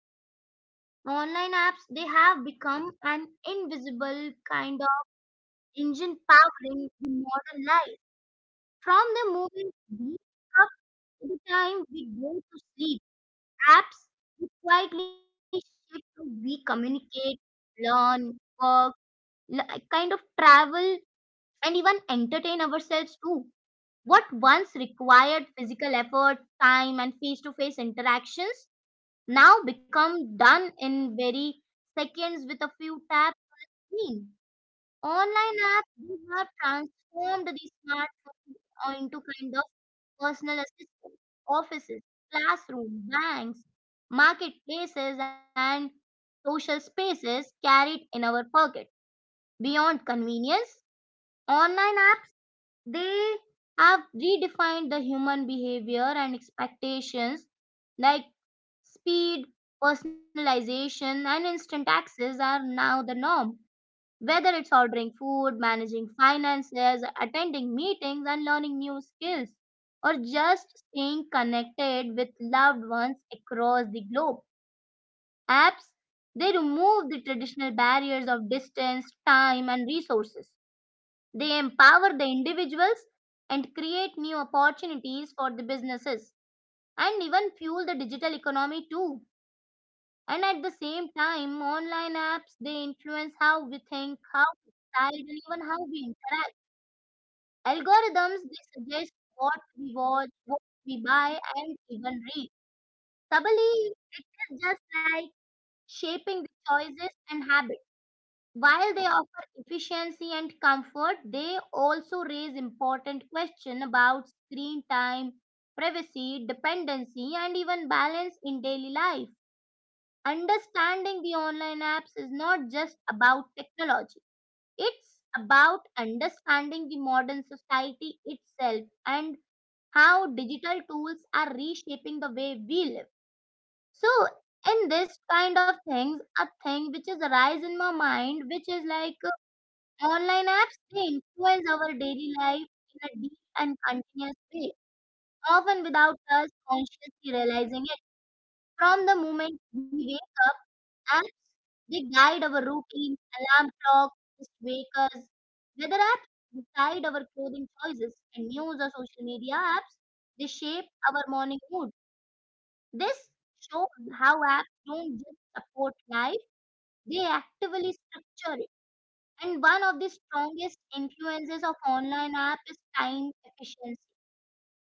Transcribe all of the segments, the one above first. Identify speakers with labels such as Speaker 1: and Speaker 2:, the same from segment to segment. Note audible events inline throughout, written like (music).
Speaker 1: Like uh, online apps they have become an invisible kind of engine powering the modern life. From the moment we wake up to the time we go to sleep, apps they quietly shape how we communicate, learn, work kind of travel and even entertain ourselves too. What once required physical effort, time, and face to face interactions now become done in very seconds with a few taps. Screen. Online apps they have transformed the smartphone into kind of personal assistants, offices, classroom, banks, marketplaces, and social spaces carried in our pocket. Beyond convenience, online apps, they have redefined the human behavior and expectations like speed, personalization, and instant access are now the norm. Whether it's ordering food, managing finances, attending meetings, and learning new skills, or just staying connected with loved ones across the globe, apps they remove the traditional barriers of distance, time, and resources. They empower the individuals and create new opportunities for the businesses and even fuel the digital economy too. And at the same time, online apps they influence how we think, how we decide, and even how we interact. Algorithms they suggest what we watch, what we buy, and even read. Tabali is just like shaping the choices and habits. While they offer efficiency and comfort, they also raise important questions about screen time, privacy, dependency, and even balance in daily life. Understanding the online apps is not just about technology, it's about understanding the modern society itself and how digital tools are reshaping the way we live. So, in this kind of things, a thing which is arise in my mind, which is like online apps they influence our daily life in a deep and continuous way, often without us consciously realizing it. From the moment we wake up, apps they guide our routine, alarm clock, just wake us. Weather apps decide our clothing choices, and news or social media apps they shape our morning mood. This shows how apps don't just support life; they actively structure it. And one of the strongest influences of online app is time efficiency.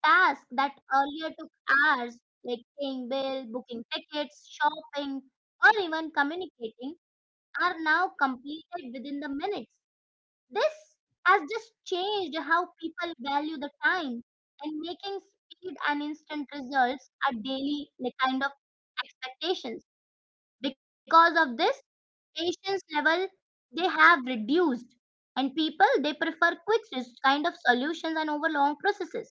Speaker 1: Tasks that earlier took hours, like paying bill, booking tickets, shopping, or even communicating, are now completed within the minutes. This has just changed how people value the time and making speed and instant results are daily like kind of expectations because of this patience level they have reduced and people they prefer quick kind of solutions and over long processes.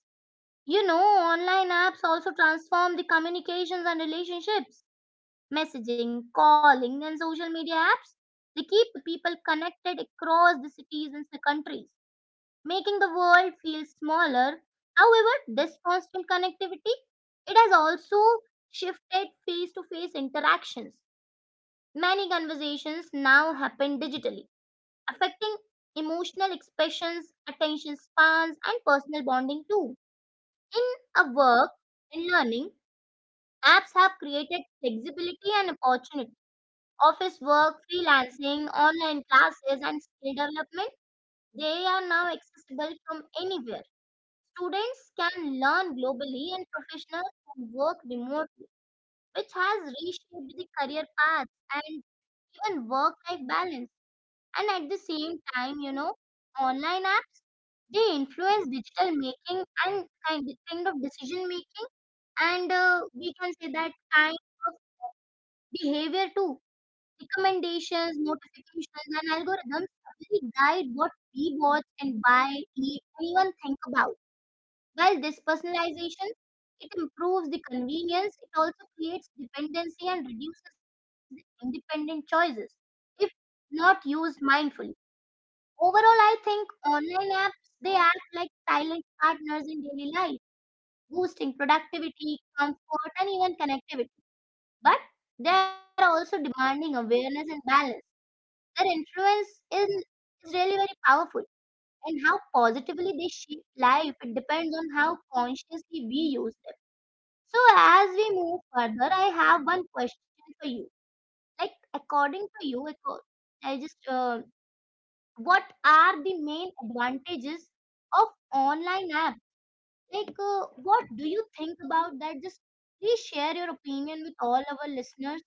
Speaker 1: You know, online apps also transform the communications and relationships, messaging calling and social media apps they keep the people connected across the cities and the countries, making the world feel smaller. However, this constant connectivity it has also shifted face-to-face interactions. Many conversations now happen digitally, affecting emotional expressions, attention spans, and personal bonding too. In a work and learning, apps have created flexibility and opportunity. Office work, freelancing, online classes, and skill development, they are now accessible from anywhere. Students can learn globally and professionals can work remotely, which has reshaped the career paths and even work life balance. And at the same time, you know, online apps they influence digital making and kind of decision making, and we can say that kind of behavior too. Recommendations, notifications, and algorithms really guide what we watch and buy, eat, and even think about. While this personalization, it improves the convenience, it also creates dependency and reduces the independent choices if not used mindfully. Overall, I think online apps they act like silent partners in daily life, boosting productivity, comfort, and even connectivity. But they are also demanding awareness and balance. Their influence is really very powerful, and how positively they shape life it depends on how consciously we use them. So as we move further, I have one question for you. Like according to you, I just what are the main advantages of online apps? Like what do you think about that? Just please share your opinion with all our listeners.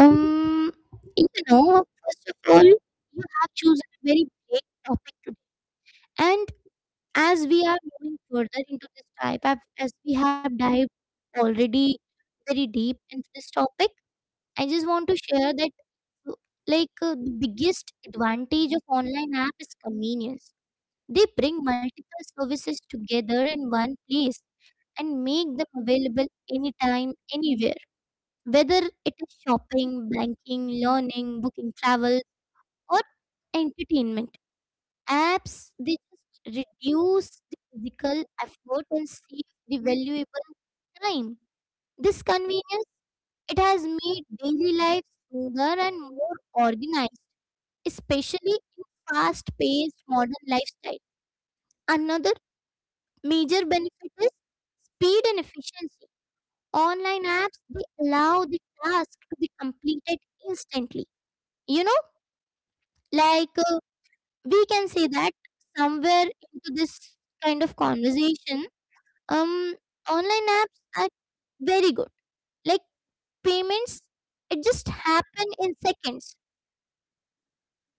Speaker 2: Um, you know, first of all, you have chosen a very great topic today. And as we are moving further into this as we have dived already very deep into this topic, I just want to share that, uh, the biggest advantage of online app is convenience. They bring multiple services together in one place and make them available anytime, anywhere. Whether it is shopping, banking, learning, booking travel, or entertainment. Apps they just reduce the physical effort and save the valuable time. This convenience it has made daily life smoother and more organized, especially in fast-paced modern lifestyle. Another major benefit is speed and efficiency. Online apps they allow the task to be completed instantly. You know, like uh, we can say that somewhere into this kind of conversation um online apps are very good, like payments it just happen in seconds,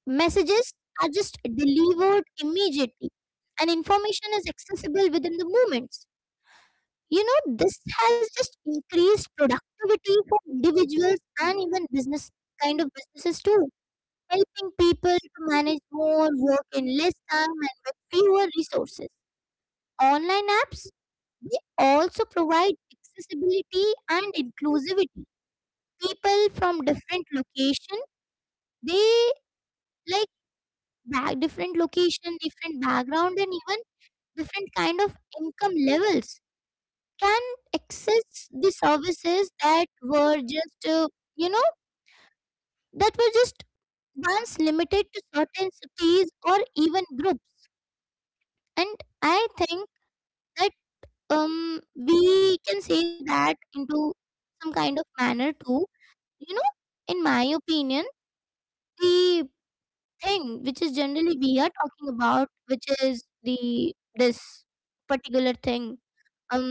Speaker 2: messages are just delivered immediately, and information is accessible within the moments. You know, this has just increased productivity for individuals and even businesses too, helping people to manage more work in less time and with fewer resources. Online apps, they also provide accessibility and inclusivity. People from different location, they like back different location, different background, and even different kind of income levels can access the services that were just you know that were just once limited to certain cities or even groups. And I think that we can say that into some kind of manner too. You know, in my opinion, the thing which is generally we are talking about, which is the this particular thing, um,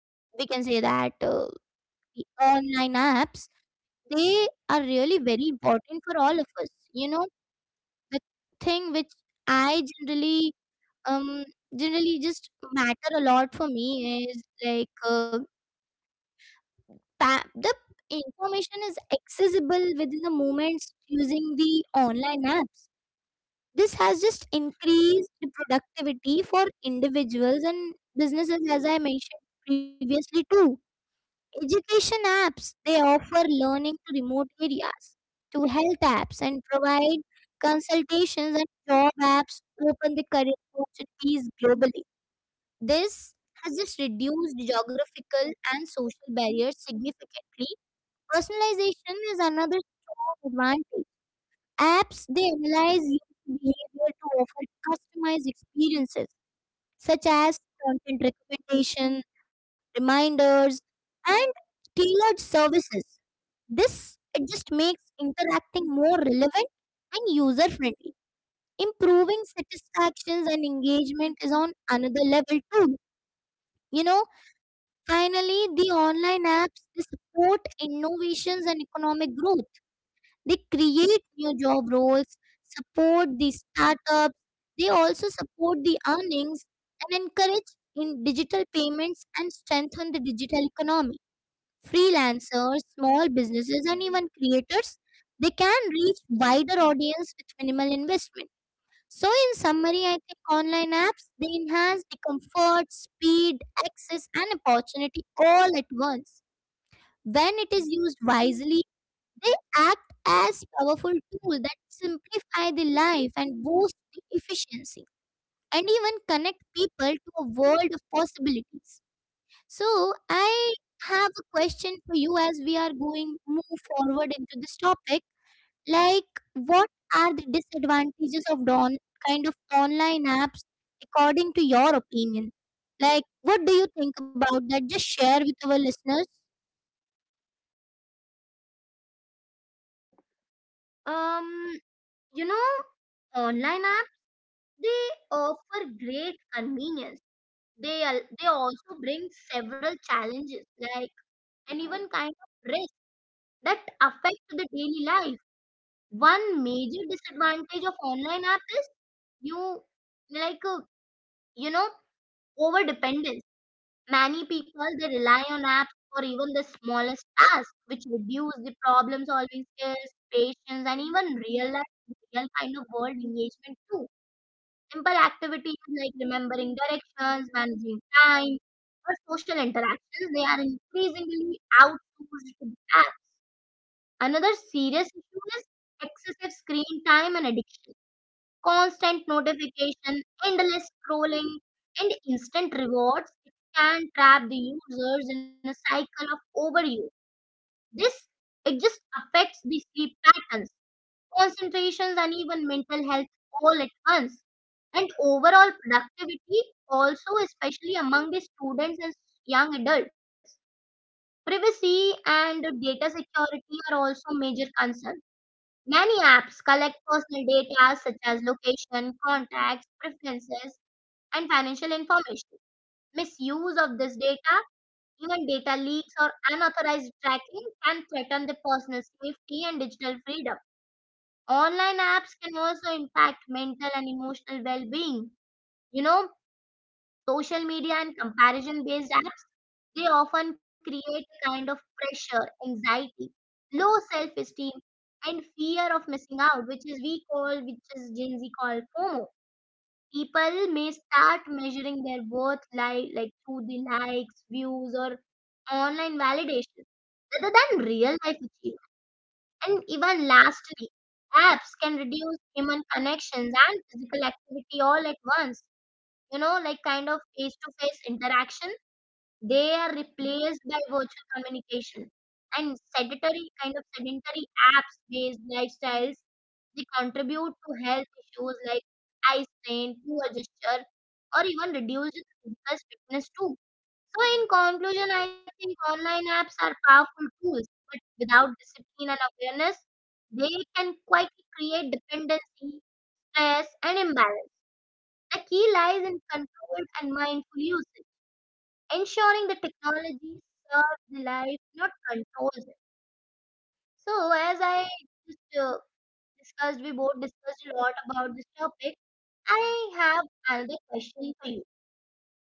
Speaker 2: we can say that the online apps they are really very important for all of us. You know, the thing which I generally um generally just matter a lot for me is the information is accessible within the moments using the online apps. This has just increased productivity for individuals and businesses, as I mentioned previously, too. Education apps they offer learning to remote areas, to health apps, and provide consultations, and job apps open the career opportunities globally. This has just reduced geographical and social barriers significantly. Personalization is another strong advantage. Apps they analyze user behavior to offer customized experiences such as content recommendation, reminders, and tailored services. This it just makes interacting more relevant and user friendly. Improving satisfactions and engagement is on another level too. You know, finally, the online apps they support innovations and economic growth, they create new job roles, support the startups, they also support the earnings and encourage in digital payments and strengthen the digital economy. Freelancers, small businesses, and even creators, they can reach wider audience with minimal investment. So, in summary, I think online apps they enhance the comfort, speed, access, and opportunity all at once. When it is used wisely, they act as powerful tools that simplify the life and boost the efficiency and even connect people to a world of possibilities. So, I have a question for you as we are going move forward into this topic. Like, what are the disadvantages of don kind of online apps according to your opinion? Like, what do you think about that? Just share with our listeners.
Speaker 1: Um, you know, online apps they offer great convenience. They also bring several challenges like and even kind of risks that affect the daily life. One major disadvantage of online app is you like uh, you know, over dependence. Many people they rely on apps for even the smallest tasks, which reduce the problem solving skills, patience, and even real life real kind of world engagement too. Simple activities like remembering directions, managing time, or social interactions they are increasingly outsourced to the app. Another serious issue is excessive screen time and addiction, constant notification, endless scrolling, and instant rewards can trap the users in a cycle of overuse. This it just affects the sleep patterns, concentrations, and even mental health all at once. And overall productivity also, especially among the students and young adults. Privacy and data security are also major concerns. Many apps collect personal data such as location, contacts, preferences, and financial information. Misuse of this data, even data leaks or unauthorized tracking, can threaten the personal safety and digital freedom. Online apps can also impact mental and emotional well being. You know, social media and comparison based apps, they often create a kind of pressure, anxiety, low self esteem, and fear of missing out, which is we call, which is Gen Z called FOMO. People may start measuring their worth like through the likes views or online validation rather than real life achievement. And even lastly, apps can reduce human connections and physical activity all at once. You know, like kind of face to face interaction they are replaced by virtual communication and sedentary kind of sedentary apps based lifestyles. They contribute to health issues like eye strain, poor gesture, or even reduced physical fitness too. So, in conclusion, I think online apps are powerful tools, but without discipline and awareness, they can quietly create dependency, stress, and imbalance. The key lies in controlled and mindful usage, ensuring the technology serves the life, not controls it. So, as I just discussed, we both discussed a lot about this topic. I have another question for you.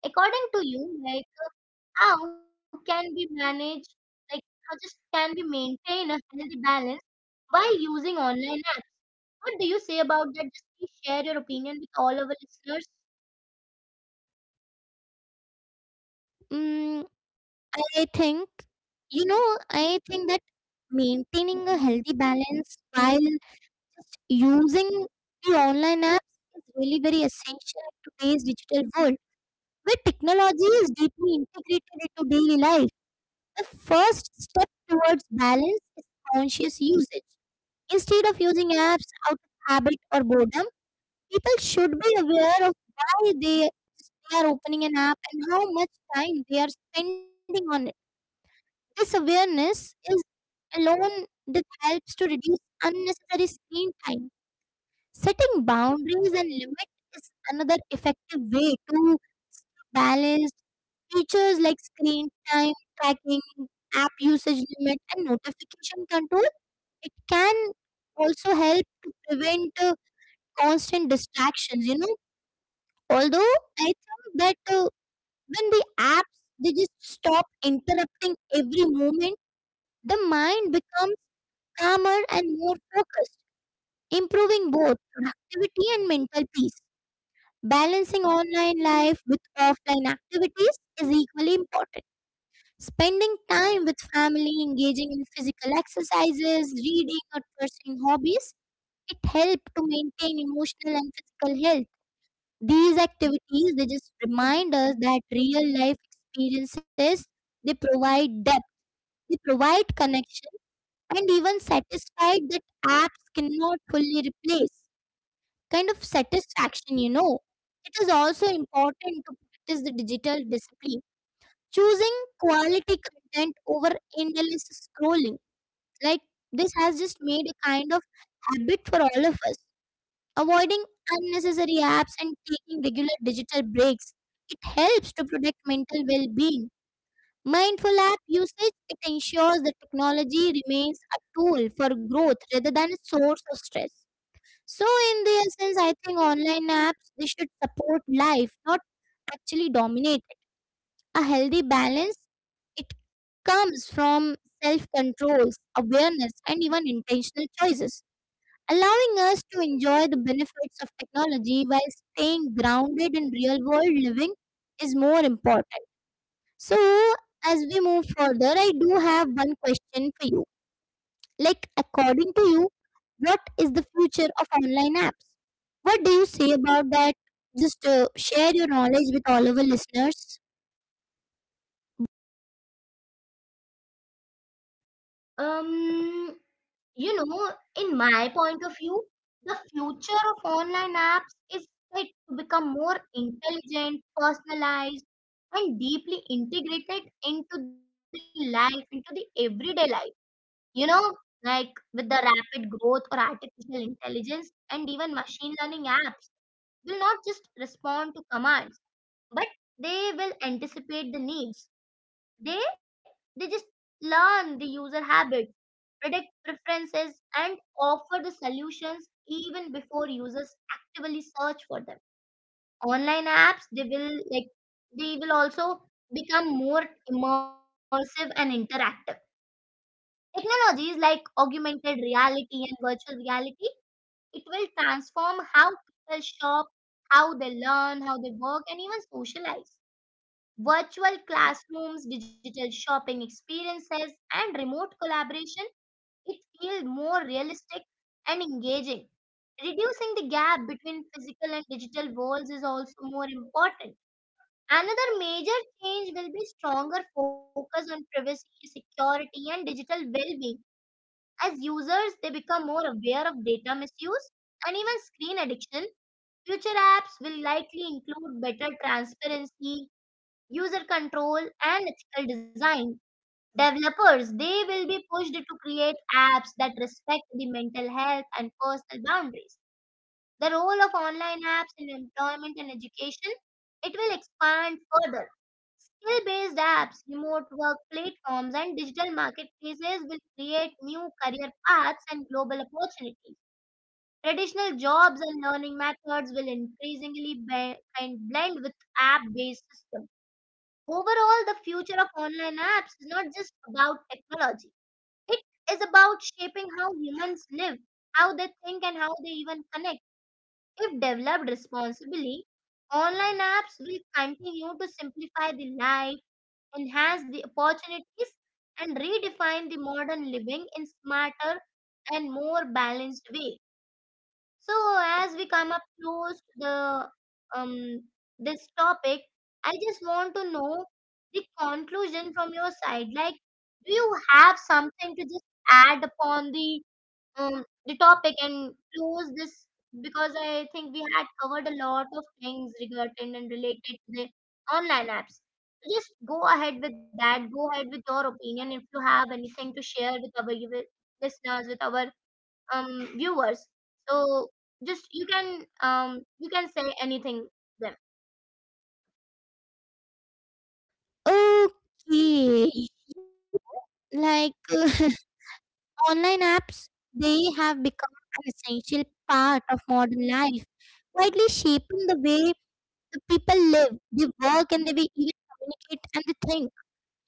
Speaker 1: According to you, like how can we manage, like how just can we maintain a healthy balance while using online apps? What do you say about that? Just please share your opinion with all our listeners.
Speaker 2: Mm, I think, you know, I think that maintaining a healthy balance while using the online apps is really very essential in today's digital world where technology is deeply integrated into daily life. The first step towards balance is conscious usage. Instead of using apps out of habit or boredom, people should be aware of why they are opening an app and how much time they are spending on it. This awareness is alone, this helps to reduce unnecessary screen time. Setting boundaries and limits is another effective way to stay balanced. Features like screen time tracking, app usage limit, and notification control it can also help to prevent constant distractions. You know, although I think that when the apps they just stop interrupting every moment, the mind becomes calmer and more focused, improving both productivity and mental peace. Balancing online life with offline activities is equally important. Spending time with family, engaging in physical exercises, reading, or pursuing hobbies, it helps to maintain emotional and physical health. These activities they just remind us that real life experiences they provide depth, they provide connection, and even satisfy that apps cannot fully replace. Kind of satisfaction, you know. It is also important to practice the digital discipline, choosing quality content over endless scrolling. Like this has just made a kind of habit for all of us. Avoiding unnecessary apps and taking regular digital breaks. It helps to protect mental well being. Mindful app usage it ensures that technology remains a tool for growth rather than a source of stress. So, in the essence, I think online apps they should support life, not actually dominate it. A healthy balance it comes from self control, awareness, and even intentional choices, allowing us to enjoy the benefits of technology while staying grounded in real world living is more important. So, as we move further, I do have one question for you. Like, according to you, what is the future of online apps? What do you say about that? Just share your knowledge with all our listeners.
Speaker 1: Um, You know, in my point of view, the future of online apps is set to become more intelligent, personalized, and deeply integrated into the life, into the everyday life. You know, like with the rapid growth or artificial intelligence and even machine learning, apps will not just respond to commands, but they will anticipate the needs. They they just learn the user habits, predict preferences, and offer the solutions even before users actively search for them. Online apps, they will like they will also become more immersive and interactive. Technologies like augmented reality and virtual reality, it will transform how people shop, how they learn, how they work, and even socialize. Virtual classrooms, digital shopping experiences, and remote collaboration it feels more realistic and engaging. Reducing the gap between physical and digital walls is also more important. Another major change will be stronger focus on privacy, security, and digital well-being. As users, they become more aware of data misuse and even screen addiction. Future apps will likely include better transparency, user control, and ethical design. Developers, they will be pushed to create apps that respect the mental health and personal boundaries. The role of online apps in employment and education, it will expand further. Skill-based apps, remote work platforms, and digital marketplaces will create new career paths and global opportunities. Traditional jobs and learning methods will increasingly and blend with app-based systems. Overall, the future of online apps is not just about technology. It is about shaping how humans live, how they think, and how they even connect. If developed responsibly, online apps will continue to simplify the life, enhance the opportunities, and redefine the modern living in smarter and more balanced way. So as we come up close to the um this topic, I just want to know the conclusion from your side. Like, do you have something to just add upon the topic and close this? Because I think we had covered a lot of things regarding and related to the online apps. So just go ahead with that. Go ahead with your opinion if you have anything to share with our listeners, with our viewers. So just you can say anything them.
Speaker 2: Okay. Like, (laughs) online apps, they have become an essential part of modern life, widely shaping the way the people live, they work, and they way even communicate and they think.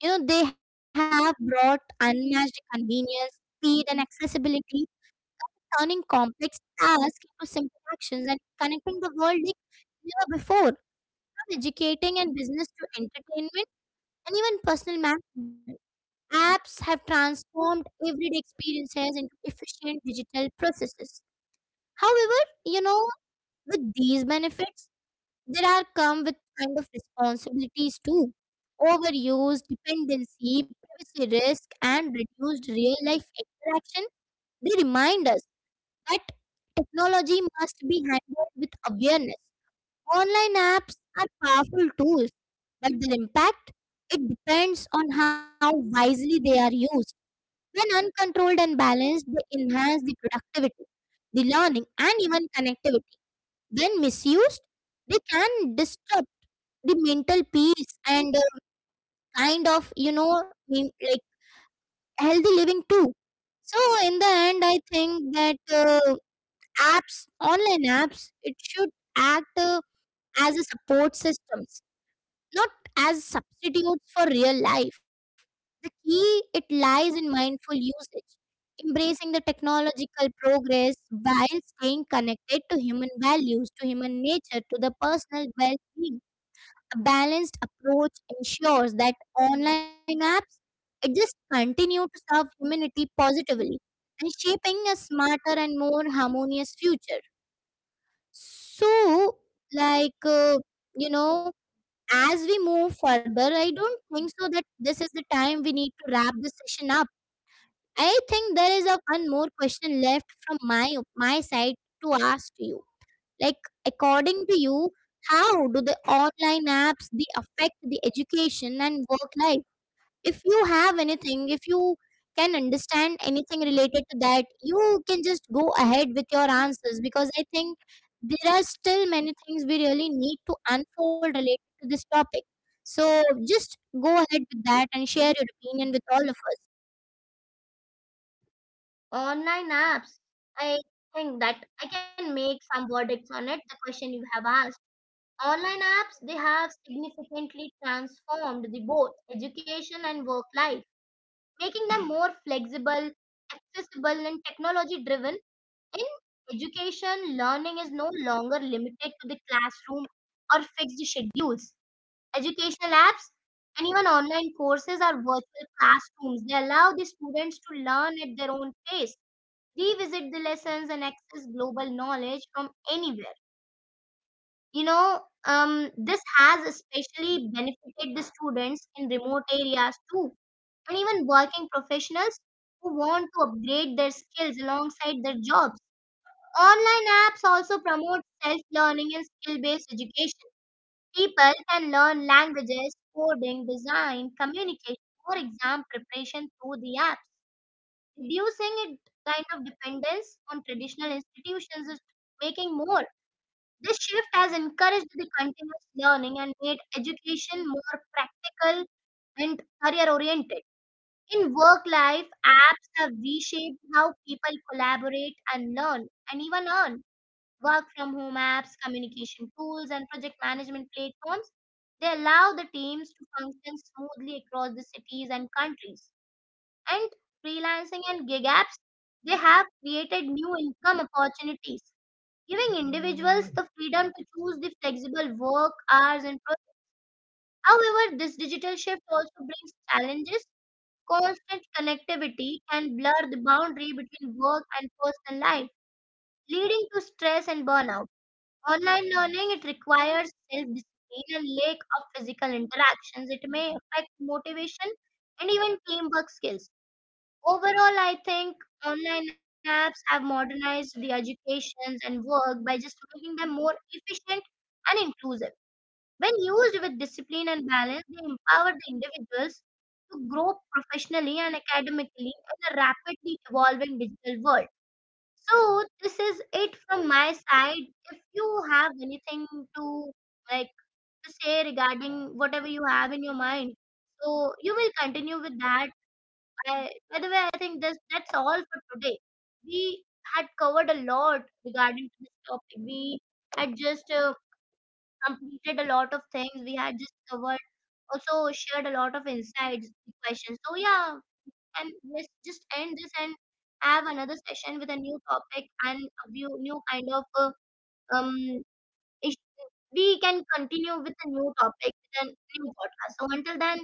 Speaker 2: You know, they have brought unmatched convenience, speed, and accessibility, turning complex tasks into simple actions and connecting the world like never before. From educating and business to entertainment and even personal management, apps have transformed everyday experiences into efficient digital processes. However, you know, with these benefits, there are come with kind of responsibilities too. Overuse, dependency, privacy risk, and reduced real life interaction, they remind us. But technology must be handled with awareness. Online apps are powerful tools, but their impact it depends on how wisely they are used. When uncontrolled and balanced, they enhance the productivity, the learning, and even connectivity. When misused, they can disrupt the mental peace and kind of you know mean, like healthy living too. So in the end, I think that. Apps, online apps, it should act as a support systems, not as substitutes for real life. The key it lies in mindful usage, embracing the technological progress while staying connected to human values, to human nature, to the personal well-being. A balanced approach ensures that online apps it just continue to serve humanity positively and shaping a smarter and more harmonious future. So, like, uh, you know, as we move further, I don't think so that this is the time we need to wrap this session up. I think there is a one more question left from my side to ask to you. Like, according to you, how do the online apps they affect the education and work life? If you have anything, if you can understand anything related to that, you can just go ahead with your answers, because I think there are still many things we really need to unfold related to this topic. So just go ahead with that and share your opinion with all of us.
Speaker 1: Online apps, I think that I can make some verdicts on it. The question you have asked, online apps they have significantly transformed the both education and work life, making them more flexible, accessible and technology driven. In education, learning is no longer limited to the classroom or fixed schedules. Educational apps and even online courses are virtual classrooms. They allow the students to learn at their own pace, revisit the lessons, and access global knowledge from anywhere. You know, this has especially benefited the students in remote areas too, and even working professionals who want to upgrade their skills alongside their jobs. Online apps also promote self learning and skill based education. People can learn languages, coding, design, communication, or exam preparation through the apps. Reducing it kind of dependence on traditional institutions is making more. This shift has encouraged the continuous learning and made education more practical and career oriented. In work life, apps have reshaped how people collaborate and learn and even earn. Work from home apps, communication tools, and project management platforms, they allow the teams to function smoothly across the cities and countries. And freelancing and gig apps, they have created new income opportunities, giving individuals the freedom to choose the flexible work hours and projects. However, this digital shift also brings challenges. Constant connectivity can blur the boundary between work and personal life, leading to stress and burnout. Online learning, it requires self-discipline and lack of physical interactions. It may affect motivation and even teamwork skills. Overall, I think online apps have modernized the educations and work by just making them more efficient and inclusive. When used with discipline and balance, they empower the individuals to grow professionally and academically in a rapidly evolving digital world. So this is it from my side. If you have anything to like to say regarding whatever you have in your mind, so you will continue with that. I, by the way, I think this that's all for today. We had covered a lot regarding to this topic. We had just completed a lot of things. We had just covered, also shared a lot of insights, questions. So yeah, and let's just end this and have another session with a new topic and a view, new kind of um ish- we can continue with a new topic with a new podcast. So until then,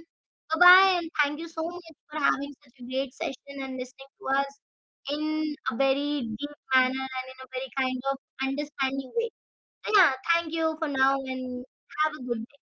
Speaker 1: bye bye and thank you so much for having such a great session and listening to us in a very deep manner and in a very kind of understanding way. So yeah, thank you for now and have a good day.